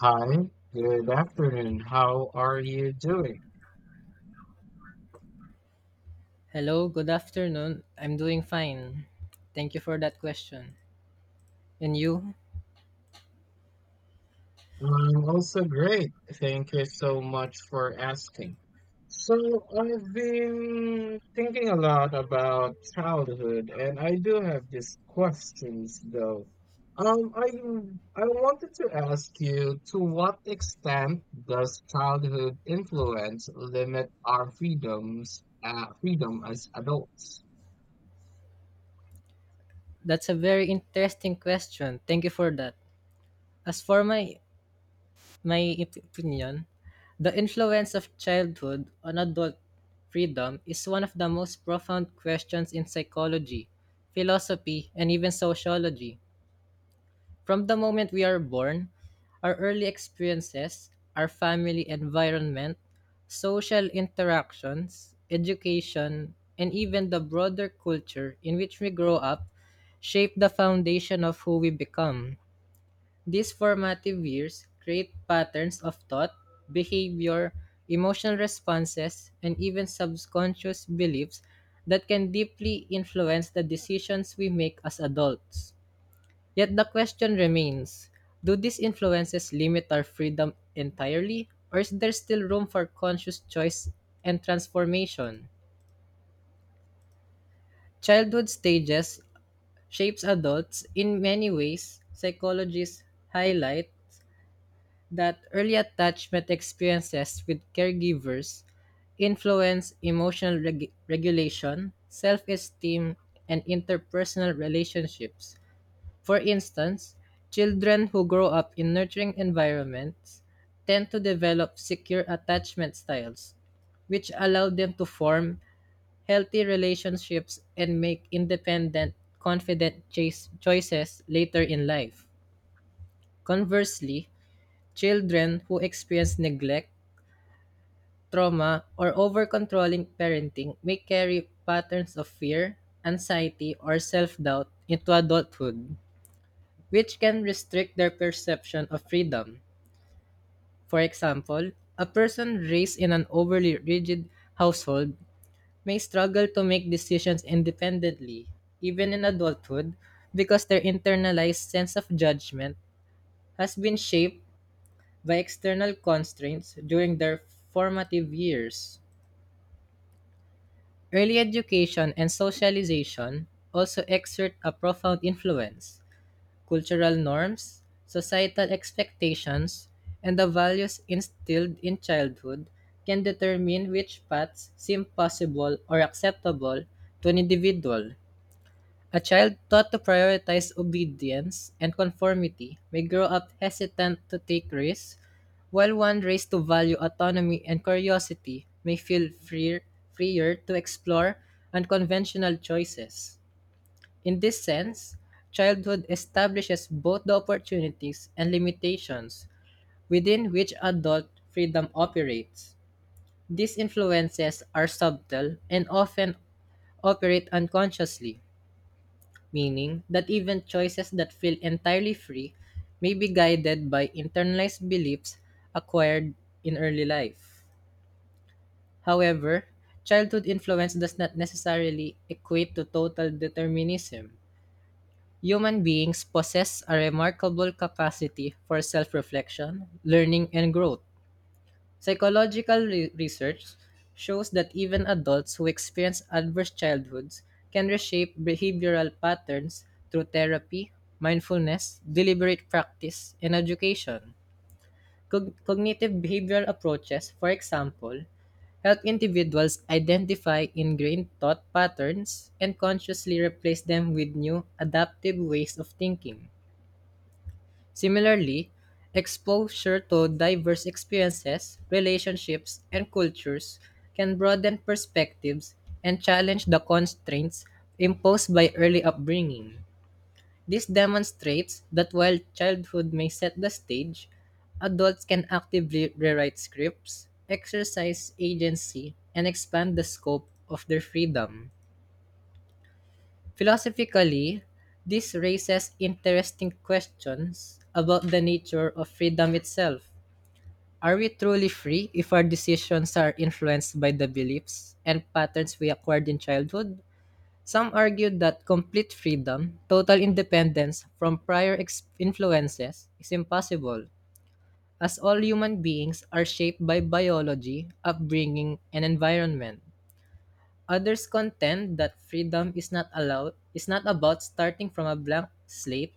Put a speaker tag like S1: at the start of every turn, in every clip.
S1: Hi, good afternoon. How are you doing?
S2: Hello, good afternoon. I'm doing fine. Thank you for that question. And you?
S1: I'm also great. Thank you so much for asking. So, I've been thinking a lot about childhood, and I do have these questions though. Um, I I wanted to ask you, to what extent does childhood influence limit our freedoms, freedom as adults?
S2: That's a very interesting question. Thank you for that. As for my opinion, the influence of childhood on adult freedom is one of the most profound questions in psychology, philosophy, and even sociology. From the moment we are born, our early experiences, our family environment, social interactions, education, and even the broader culture in which we grow up shape the foundation of who we become. These formative years create patterns of thought, behavior, emotional responses, and even subconscious beliefs that can deeply influence the decisions we make as adults. Yet the question remains: do these influences limit our freedom entirely, or is there still room for conscious choice and transformation? Childhood stages shapes adults in many ways. Psychologists highlight that early attachment experiences with caregivers influence emotional regulation, self-esteem, and interpersonal relationships. For instance, children who grow up in nurturing environments tend to develop secure attachment styles, which allow them to form healthy relationships and make independent, confident choices later in life. Conversely, children who experience neglect, trauma, or over controlling parenting may carry patterns of fear, anxiety, or self doubt into adulthood, which can restrict their perception of freedom. For example, a person raised in an overly rigid household may struggle to make decisions independently, even in adulthood, because their internalized sense of judgment has been shaped by external constraints during their formative years. Early education and socialization also exert a profound influence. Cultural norms, societal expectations, and the values instilled in childhood can determine which paths seem possible or acceptable to an individual. A child taught to prioritize obedience and conformity may grow up hesitant to take risks, while one raised to value autonomy and curiosity may feel freer, freer to explore unconventional choices. In this sense, childhood establishes both the opportunities and limitations within which adult freedom operates. These influences are subtle and often operate unconsciously, meaning that even choices that feel entirely free may be guided by internalized beliefs acquired in early life. However, childhood influence does not necessarily equate to total determinism. Human beings possess a remarkable capacity for self reflection, learning, and growth. Psychological research shows that even adults who experience adverse childhoods can reshape behavioral patterns through therapy, mindfulness, deliberate practice, and education. Cognitive behavioral approaches, for example, help individuals identify ingrained thought patterns and consciously replace them with new, adaptive ways of thinking. Similarly, exposure to diverse experiences, relationships, and cultures can broaden perspectives and challenge the constraints imposed by early upbringing. This demonstrates that while childhood may set the stage, adults can actively rewrite scripts, exercise agency, and expand the scope of their freedom. Philosophically, this raises interesting questions about the nature of freedom itself. Are we truly free if our decisions are influenced by the beliefs and patterns we acquired in childhood? Some argue that complete freedom, total independence from prior influences, is impossible, as all human beings are shaped by biology, upbringing, and environment. Others contend that freedom is not allowed is not about starting from a blank slate,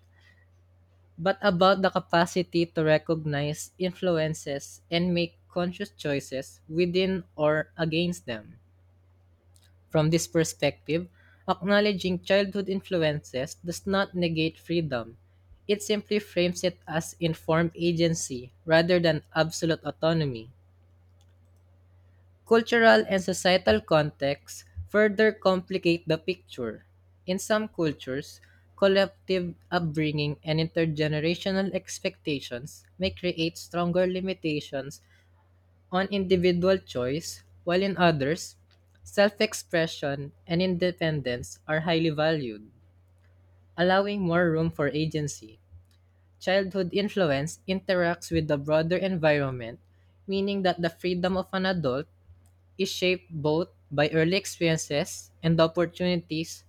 S2: but about the capacity to recognize influences and make conscious choices within or against them. From this perspective, acknowledging childhood influences does not negate freedom. It simply frames it as informed agency rather than absolute autonomy. Cultural and societal contexts further complicate the picture. In some cultures, collective upbringing and intergenerational expectations may create stronger limitations on individual choice, while in others, self expression and independence are highly valued, allowing more room for agency. Childhood influence interacts with the broader environment, meaning that the freedom of an adult is shaped both by early experiences and the opportunities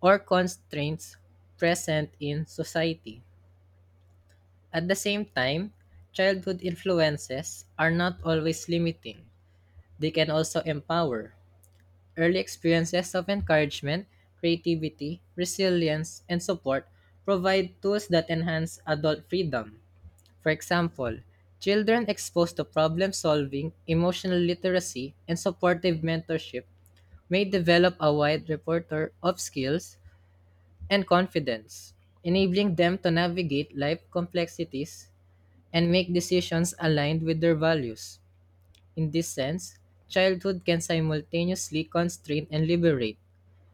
S2: or constraints present in society. At the same time, childhood influences are not always limiting; they can also empower. Early experiences of encouragement, creativity, resilience, and support provide tools that enhance adult freedom. For example, children exposed to problem solving, emotional literacy, and supportive mentorship may develop a wide repertoire of skills and confidence, enabling them to navigate life complexities and make decisions aligned with their values. In this sense, childhood can simultaneously constrain and liberate,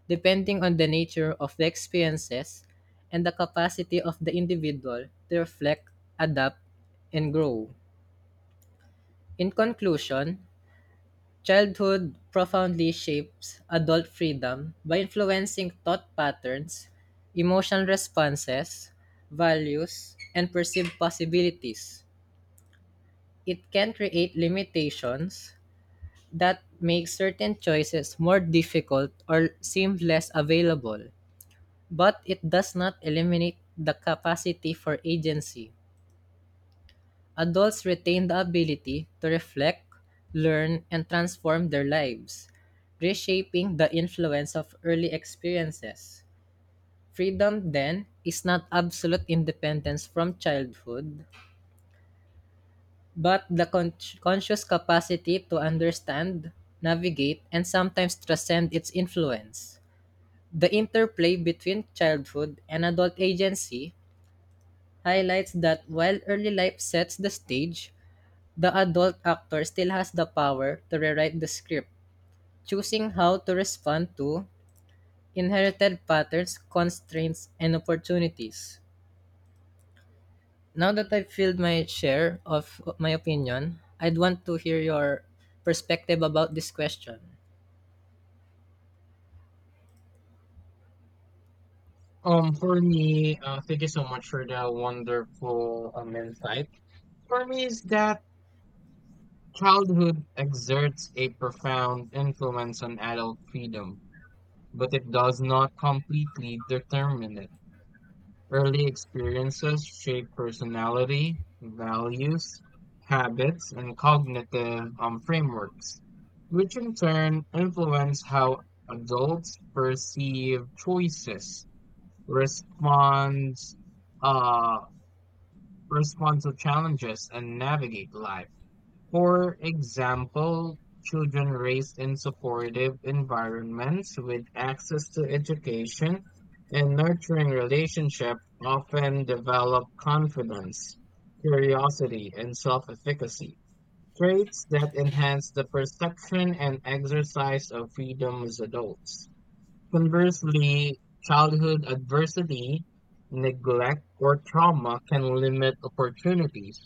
S2: depending on the nature of the experiences and the capacity of the individual to reflect, adapt, and grow. In conclusion, childhood profoundly shapes adult freedom by influencing thought patterns, emotional responses, values, and perceived possibilities. It can create limitations that make certain choices more difficult or seem less available, but it does not eliminate the capacity for agency. Adults retain the ability to reflect, learn, and transform their lives, reshaping the influence of early experiences. Freedom, then, is not absolute independence from childhood, but the conscious capacity to understand, navigate, and sometimes transcend its influence. The interplay between childhood and adult agency highlights that while early life sets the stage, the adult actor still has the power to rewrite the script, choosing how to respond to inherited patterns, constraints, and opportunities. Now that I've filled my share of my opinion, I'd want to hear your perspective about this question.
S1: For me, thank you so much for that wonderful insight. For me, is that childhood exerts a profound influence on adult freedom, but it does not completely determine it. Early experiences shape personality, values, habits, and cognitive frameworks, which in turn influence how adults perceive choices, responds, uh, respond to challenges, and navigate life. For example, children raised in supportive environments with access to education and nurturing relationship often develop confidence, curiosity, and self-efficacy, traits that enhance the perception and exercise of freedom as adults. Conversely, childhood adversity, neglect, or trauma can limit opportunities,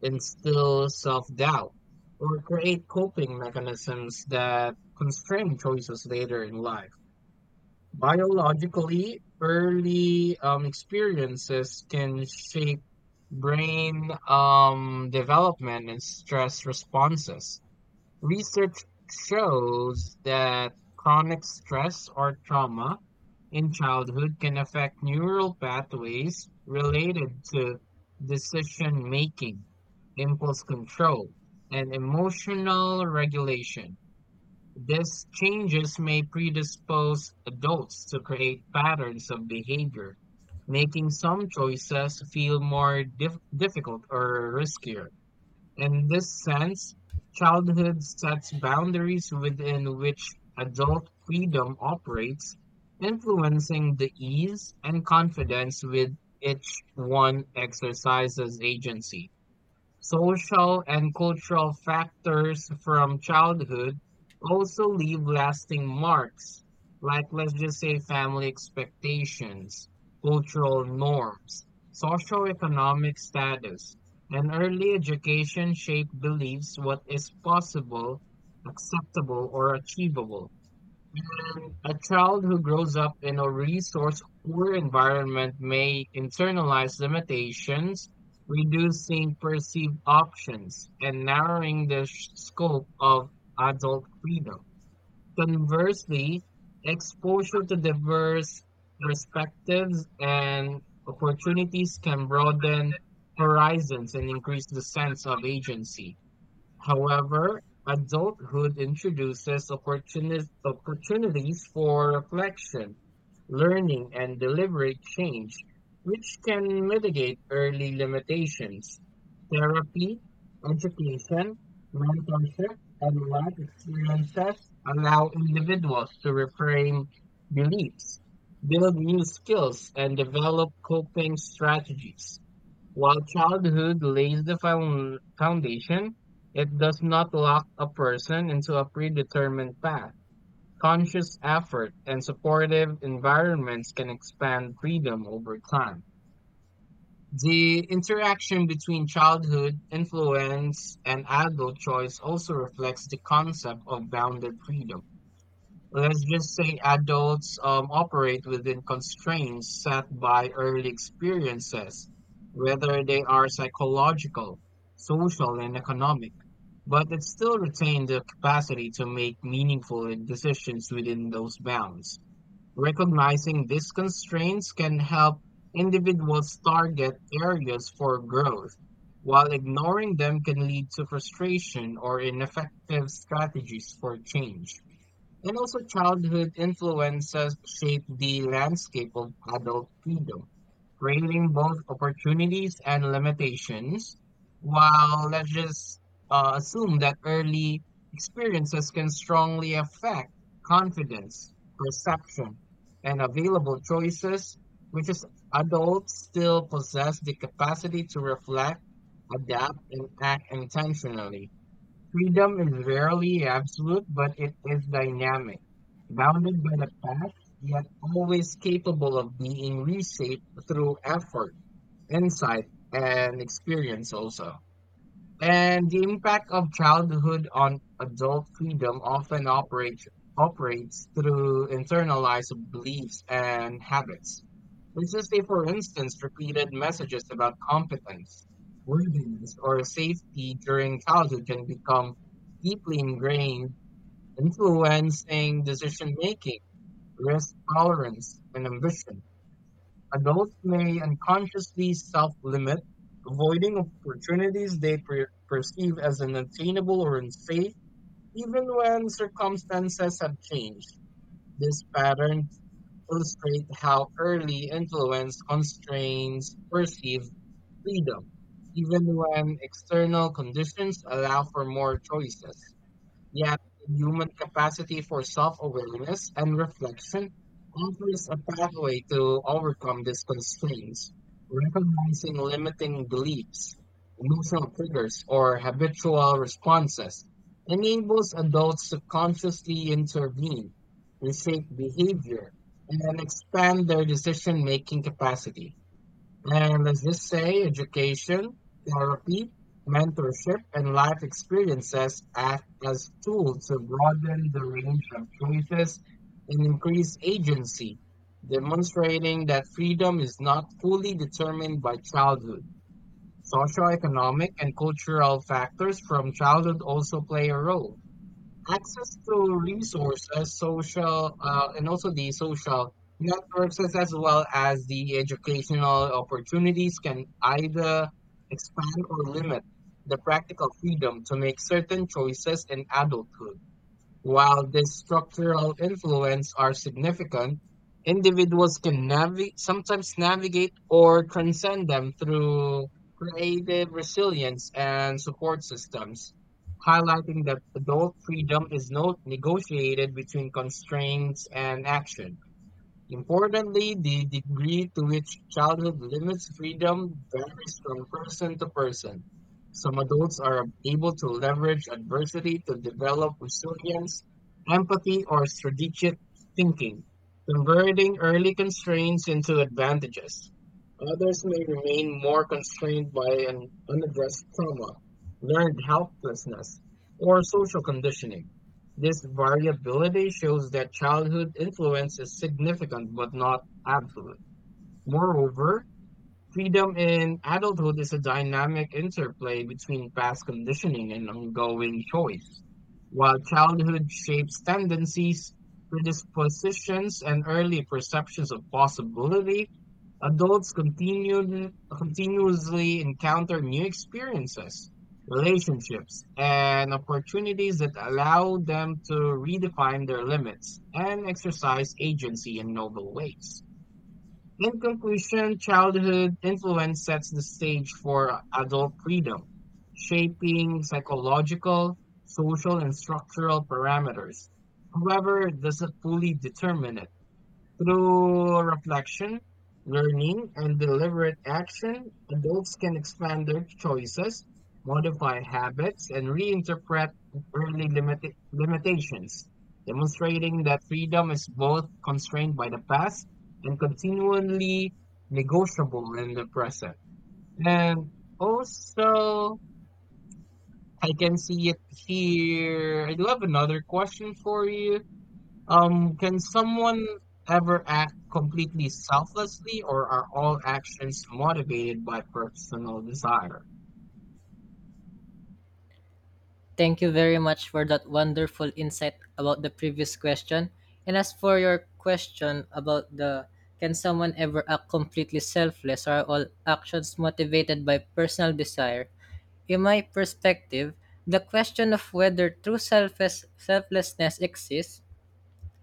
S1: instill self doubt, or create coping mechanisms that constrain choices later in life. Biologically, early experiences can shape brain development and stress responses. Research shows that chronic stress or trauma in childhood can affect neural pathways related to decision making, impulse control, and emotional regulation. These changes may predispose adults to create patterns of behavior, making some choices feel more difficult or riskier. In this sense, childhood sets boundaries within which adult freedom operates, influencing the ease and confidence with which one exercises agency. Social and cultural factors from childhood also leave lasting marks, like let's just say family expectations, cultural norms, socioeconomic status, and early education shape beliefs what is possible, acceptable, or achievable. A child who grows up in a resource-poor environment may internalize limitations, reducing perceived options and narrowing the scope of adult freedom. Conversely, exposure to diverse perspectives and opportunities can broaden horizons and increase the sense of agency. However, adulthood introduces opportunities for reflection, learning, and deliberate change, which can mitigate early limitations. Therapy, education, mentorship, and life experiences allow individuals to reframe beliefs, build new skills, and develop coping strategies. While childhood lays the foundation, it does not lock a person into a predetermined path. Conscious effort and supportive environments can expand freedom over time. The interaction between childhood influence and adult choice also reflects the concept of bounded freedom. Let's just say adults operate within constraints set by early experiences, whether they are psychological, social, and economic, but it still retain the capacity to make meaningful decisions within those bounds. Recognizing these constraints can help individuals target areas for growth, while ignoring them can lead to frustration or ineffective strategies for change. And also, childhood influences shape the landscape of adult freedom, creating both opportunities and limitations. While let's just assume that early experiences can strongly affect confidence, perception, and available choices, which is adults still possess the capacity to reflect, adapt, and act intentionally. Freedom is rarely absolute, but it is dynamic, bounded by the past, yet always capable of being reshaped through effort, insight, and experience also. And the impact of childhood on adult freedom often operates through internalized beliefs and habits. Let's just say, for instance, repeated messages about competence, worthiness, or safety during childhood can become deeply ingrained, influencing decision making, risk tolerance, and ambition. Adults may unconsciously self limit, avoiding opportunities they perceive as unattainable or unsafe, even when circumstances have changed. This pattern illustrate how early influence constrains perceived freedom, even when external conditions allow for more choices. Yet, the human capacity for self awareness and reflection offers a pathway to overcome these constraints. Recognizing limiting beliefs, emotional triggers, or habitual responses enables adults to consciously intervene, reshape behavior, and expand their decision making capacity. And let's just say education, therapy, mentorship, and life experiences act as tools to broaden the range of choices and increase agency, demonstrating that freedom is not fully determined by childhood. Socioeconomic and cultural factors from childhood also play a role access to resources, and also the social networks, as well as the educational opportunities, can either expand or limit the practical freedom to make certain choices in adulthood. While these structural influences are significant, individuals can sometimes navigate or transcend them through creative resilience and support systems, highlighting that adult freedom is not negotiated between constraints and action. Importantly, the degree to which childhood limits freedom varies from person to person. Some adults are able to leverage adversity to develop resilience, empathy, or strategic thinking, converting early constraints into advantages. Others may remain more constrained by an unaddressed trauma, learned helplessness, or social conditioning. This variability shows that childhood influence is significant but not absolute. Moreover, freedom in adulthood is a dynamic interplay between past conditioning and ongoing choice. While childhood shapes tendencies, predispositions, and early perceptions of possibility, adults continuously encounter new experiences, relationships, and opportunities that allow them to redefine their limits and exercise agency in novel ways. In conclusion, childhood influence sets the stage for adult freedom, shaping psychological, social, and structural parameters. However, it doesn't fully determine it. Through reflection, learning, and deliberate action, adults can expand their choices, modify habits, and reinterpret early limitations, demonstrating that freedom is both constrained by the past and continually negotiable in the present. And also, I can see it here. I do have another question for you. Can someone ever act completely selflessly, or are all actions motivated by personal desire?
S2: Thank you very much for that wonderful insight about the previous question. And as for your question about the: can someone ever act completely selfless, or are all actions motivated by personal desire? In my perspective, the question of whether true selflessness exists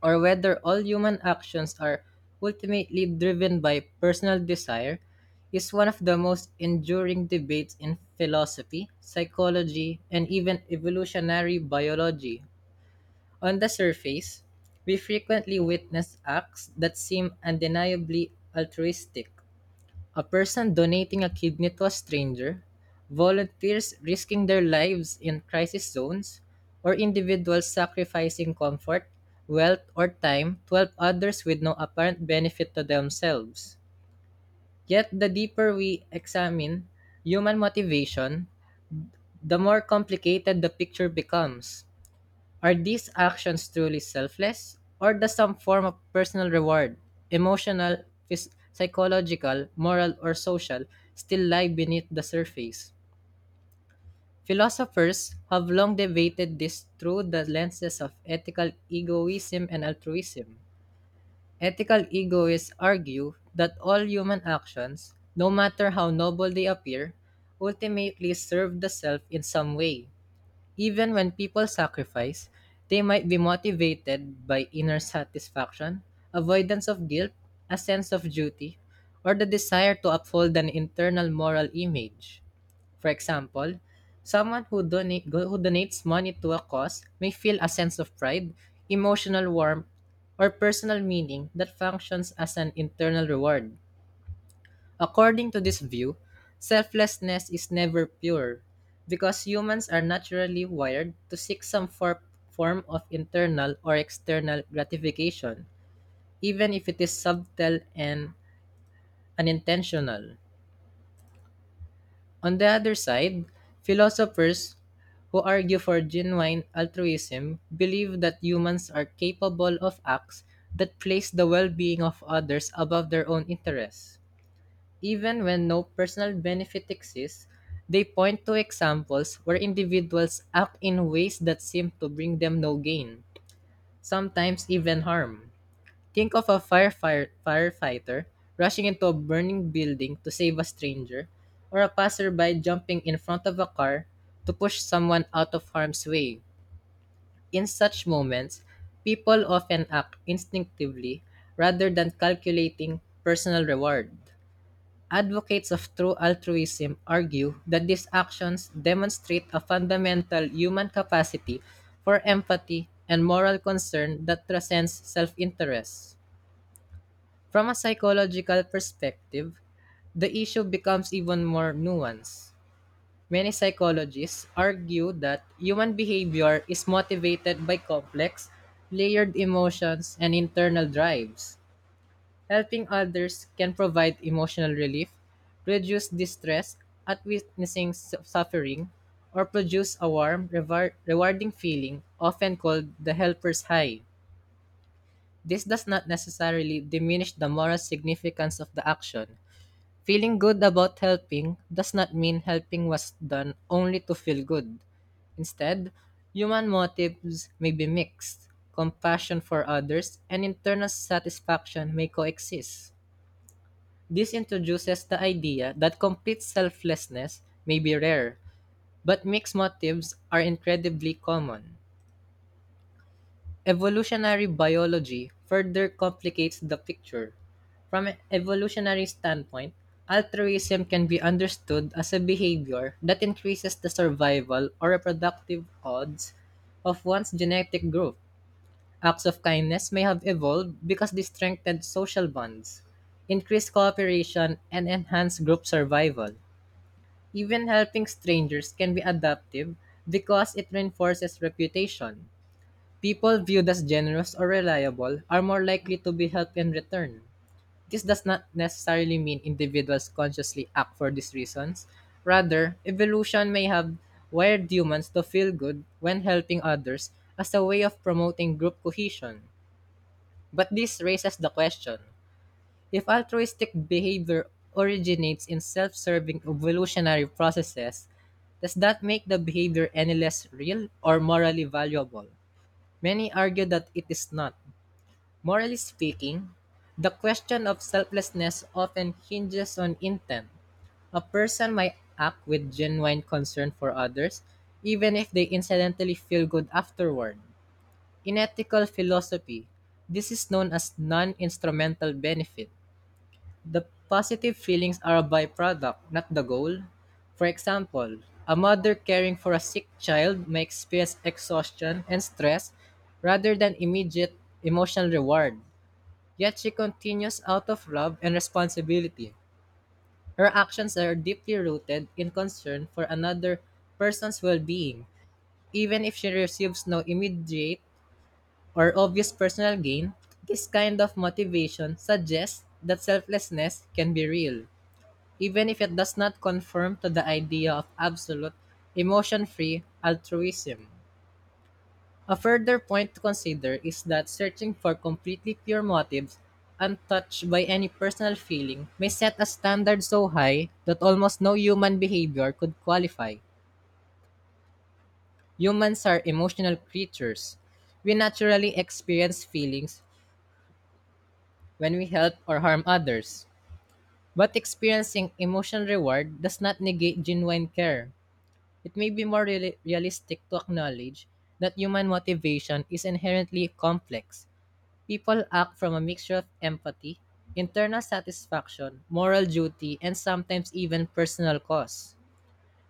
S2: or whether all human actions are ultimately driven by personal desire is one of the most enduring debates in philosophy, psychology, and even evolutionary biology. On the surface, we frequently witness acts that seem undeniably altruistic: a person donating a kidney to a stranger, volunteers risking their lives in crisis zones, or individuals sacrificing comfort, wealth, or time to help others with no apparent benefit to themselves. Yet, the deeper we examine human motivation, the more complicated the picture becomes. Are these actions truly selfless, or does some form of personal reward, emotional, psychological, moral, or social, still lie beneath the surface? Philosophers have long debated this through the lenses of ethical egoism and altruism. Ethical egoists argue that all human actions, no matter how noble they appear, ultimately serve the self in some way. Even when people sacrifice, they might be motivated by inner satisfaction, avoidance of guilt, a sense of duty, or the desire to uphold an internal moral image. For example, someone who donates money to a cause may feel a sense of pride, emotional warmth, or personal meaning that functions as an internal reward. According to this view, selflessness is never pure because humans are naturally wired to seek some form of internal or external gratification, even if it is subtle and unintentional. On the other side, philosophers who argue for genuine altruism believe that humans are capable of acts that place the well being of others above their own interests. Even when no personal benefit exists, they point to examples where individuals act in ways that seem to bring them no gain, sometimes even harm. Think of a firefighter rushing into a burning building to save a stranger, or a passerby jumping in front of a car to push someone out of harm's way. In such moments, people often act instinctively rather than calculating personal reward. Advocates of true altruism argue that these actions demonstrate a fundamental human capacity for empathy and moral concern that transcends self interest. From a psychological perspective, the issue becomes even more nuanced. Many psychologists argue that human behavior is motivated by complex, layered emotions and internal drives. Helping others can provide emotional relief, reduce distress at witnessing suffering, or produce a warm, rewarding feeling, often called the helper's high. This does not necessarily diminish the moral significance of the action. Feeling good about helping does not mean helping was done only to feel good. Instead, human motives may be mixed. Compassion for others and internal satisfaction may coexist. This introduces the idea that complete selflessness may be rare, but mixed motives are incredibly common. Evolutionary biology further complicates the picture. From an evolutionary standpoint, altruism can be understood as a behavior that increases the survival or reproductive odds of one's genetic group. Acts of kindness may have evolved because they strengthened social bonds, increased cooperation, and enhanced group survival. Even helping strangers can be adaptive because it reinforces reputation. People viewed as generous or reliable are more likely to be helped in return. This does not necessarily mean individuals consciously act for these reasons. Rather, evolution may have wired humans to feel good when helping others as a way of promoting group cohesion. But this raises the question: if altruistic behavior originates in self serving evolutionary processes, does that make the behavior any less real or morally valuable? Many argue that it is not. Morally speaking, the question of selflessness often hinges on intent. A person might act with genuine concern for others, even if they incidentally feel good afterward. In ethical philosophy, this is known as non-instrumental benefit. The positive feelings are a byproduct, not the goal. For example, a mother caring for a sick child may experience exhaustion and stress rather than immediate emotional reward. Yet she continues out of love and responsibility. Her actions are deeply rooted in concern for another person's well being, even if she receives no immediate or obvious personal gain. This kind of motivation suggests that selflessness can be real, even if it does not conform to the idea of absolute, emotion free altruism. A further point to consider is that searching for completely pure motives, untouched by any personal feeling, may set a standard so high that almost no human behavior could qualify. Humans are emotional creatures. We naturally experience feelings when we help or harm others. But experiencing emotional reward does not negate genuine care. It may be more realistic to acknowledge that human motivation is inherently complex. People act from a mixture of empathy, internal satisfaction, moral duty, and sometimes even personal costs.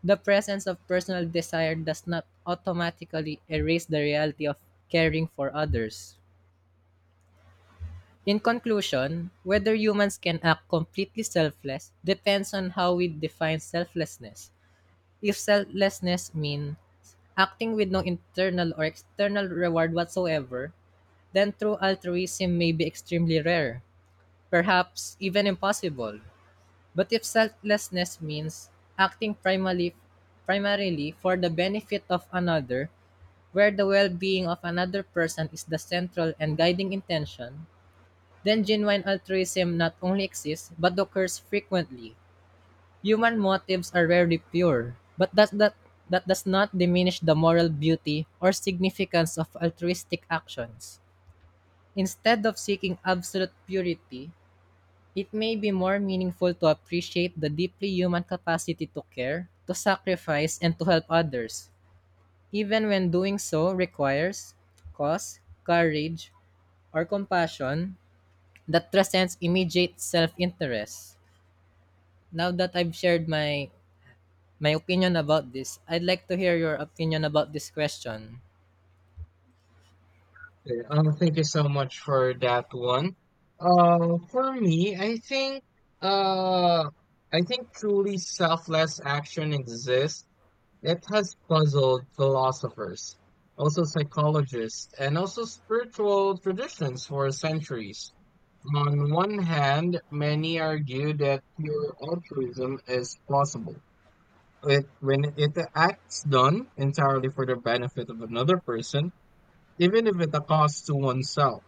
S2: The presence of personal desire does not automatically erase the reality of caring for others. In conclusion, whether humans can act completely selfless depends on how we define selflessness. If selflessness means acting with no internal or external reward whatsoever, then true altruism may be extremely rare, perhaps even impossible. But if selflessness means acting primarily for the benefit of another, where the well being of another person is the central and guiding intention, then genuine altruism not only exists but occurs frequently. Human motives are rarely pure, but that does not diminish the moral beauty or significance of altruistic actions. Instead of seeking absolute purity, it may be more meaningful to appreciate the deeply human capacity to care, to sacrifice, and to help others, even when doing so requires courage, or compassion that transcends immediate self-interest. Now that I've shared my opinion about this, I'd like to hear your opinion about this question.
S1: Okay. Thank you so much for that one. For me, uh, I think truly selfless action exists. It has puzzled philosophers, also psychologists, and also spiritual traditions for centuries. On one hand, many argue that pure altruism is possible. It, when it acts done entirely for the benefit of another person, even if at a cost to oneself.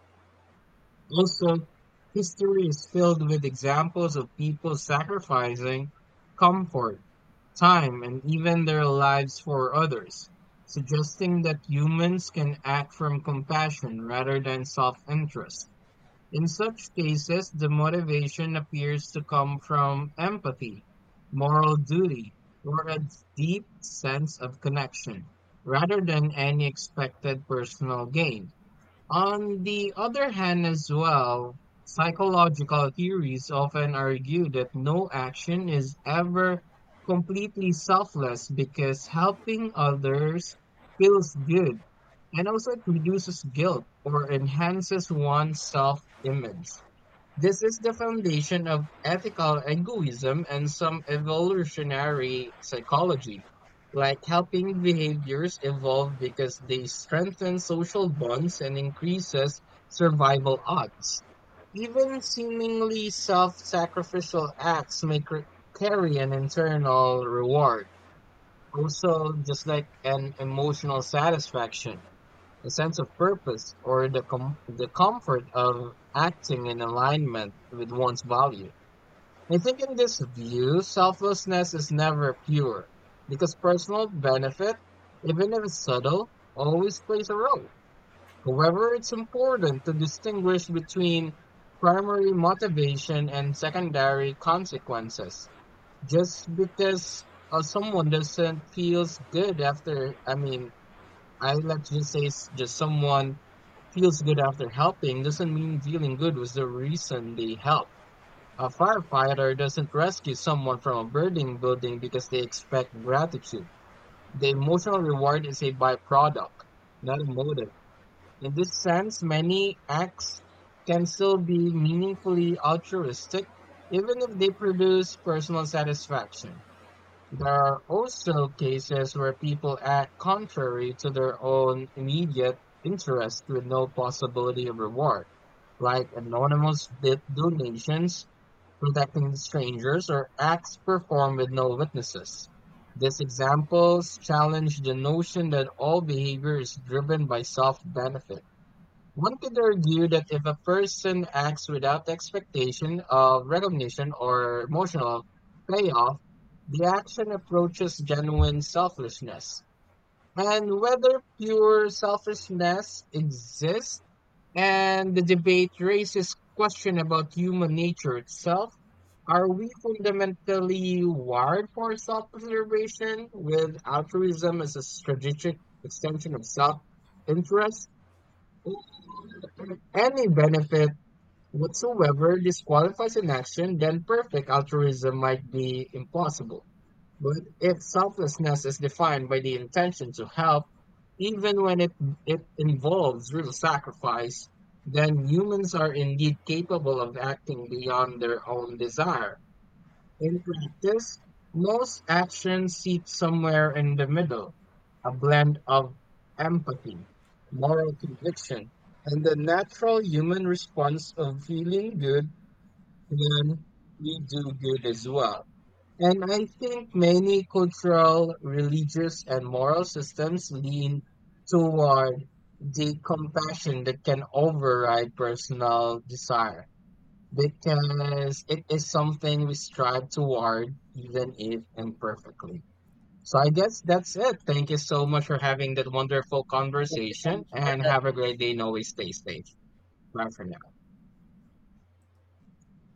S1: Also, history is filled with examples of people sacrificing comfort, time, and even their lives for others, suggesting that humans can act from compassion rather than self interest. In such cases, the motivation appears to come from empathy, moral duty, or a deep sense of connection, rather than any expected personal gain. On the other hand, as well, psychological theories often argue that no action is ever completely selfless because helping others feels good, and also it reduces guilt or enhances one's self image. This is the foundation of ethical egoism and some evolutionary psychology, like helping behaviors evolve because they strengthen social bonds and increases survival odds. Even seemingly self-sacrificial acts may carry an internal reward, also just like an emotional satisfaction. A sense of purpose or the comfort of acting in alignment with one's value. I think in this view, selflessness is never pure because personal benefit, even if it's subtle, always plays a role. However, it's important to distinguish between primary motivation and secondary consequences. Just because someone doesn't feels good after, I mean, I let's just say s- just someone feels good after helping doesn't mean feeling good was the reason they helped. A firefighter doesn't rescue someone from a burning building because they expect gratitude. The emotional reward is a byproduct, not a motive. In this sense, many acts can still be meaningfully altruistic, even if they produce personal satisfaction. There are also cases where people act contrary to their own immediate interest with no possibility of reward, like anonymous donations, protecting strangers, or acts performed with no witnesses. These examples challenge the notion that all behavior is driven by self benefit. One could argue that if a person acts without the expectation of recognition or emotional payoff, the action approaches genuine selflessness. And whether pure selfishness exists and the debate raises question about human nature itself, are we fundamentally wired for self-preservation with altruism as a strategic extension of self-interest? Any benefit whatsoever disqualifies an action, then perfect altruism might be impossible. But if selflessness is defined by the intention to help, even when it involves real sacrifice, then humans are indeed capable of acting beyond their own desire. In practice, most actions sit somewhere in the middle, a blend of empathy, moral conviction, and the natural human response of feeling good when we do good as well. And I think many cultural, religious, and moral systems lean toward the compassion that can override personal desire because it is something we strive toward, even if imperfectly. So I guess that's it. Thank you so much for having that wonderful
S2: Thank you so
S1: conversation
S2: much for
S1: and
S2: that
S1: have a great day.
S2: insight.
S1: And always stay safe. Bye for now.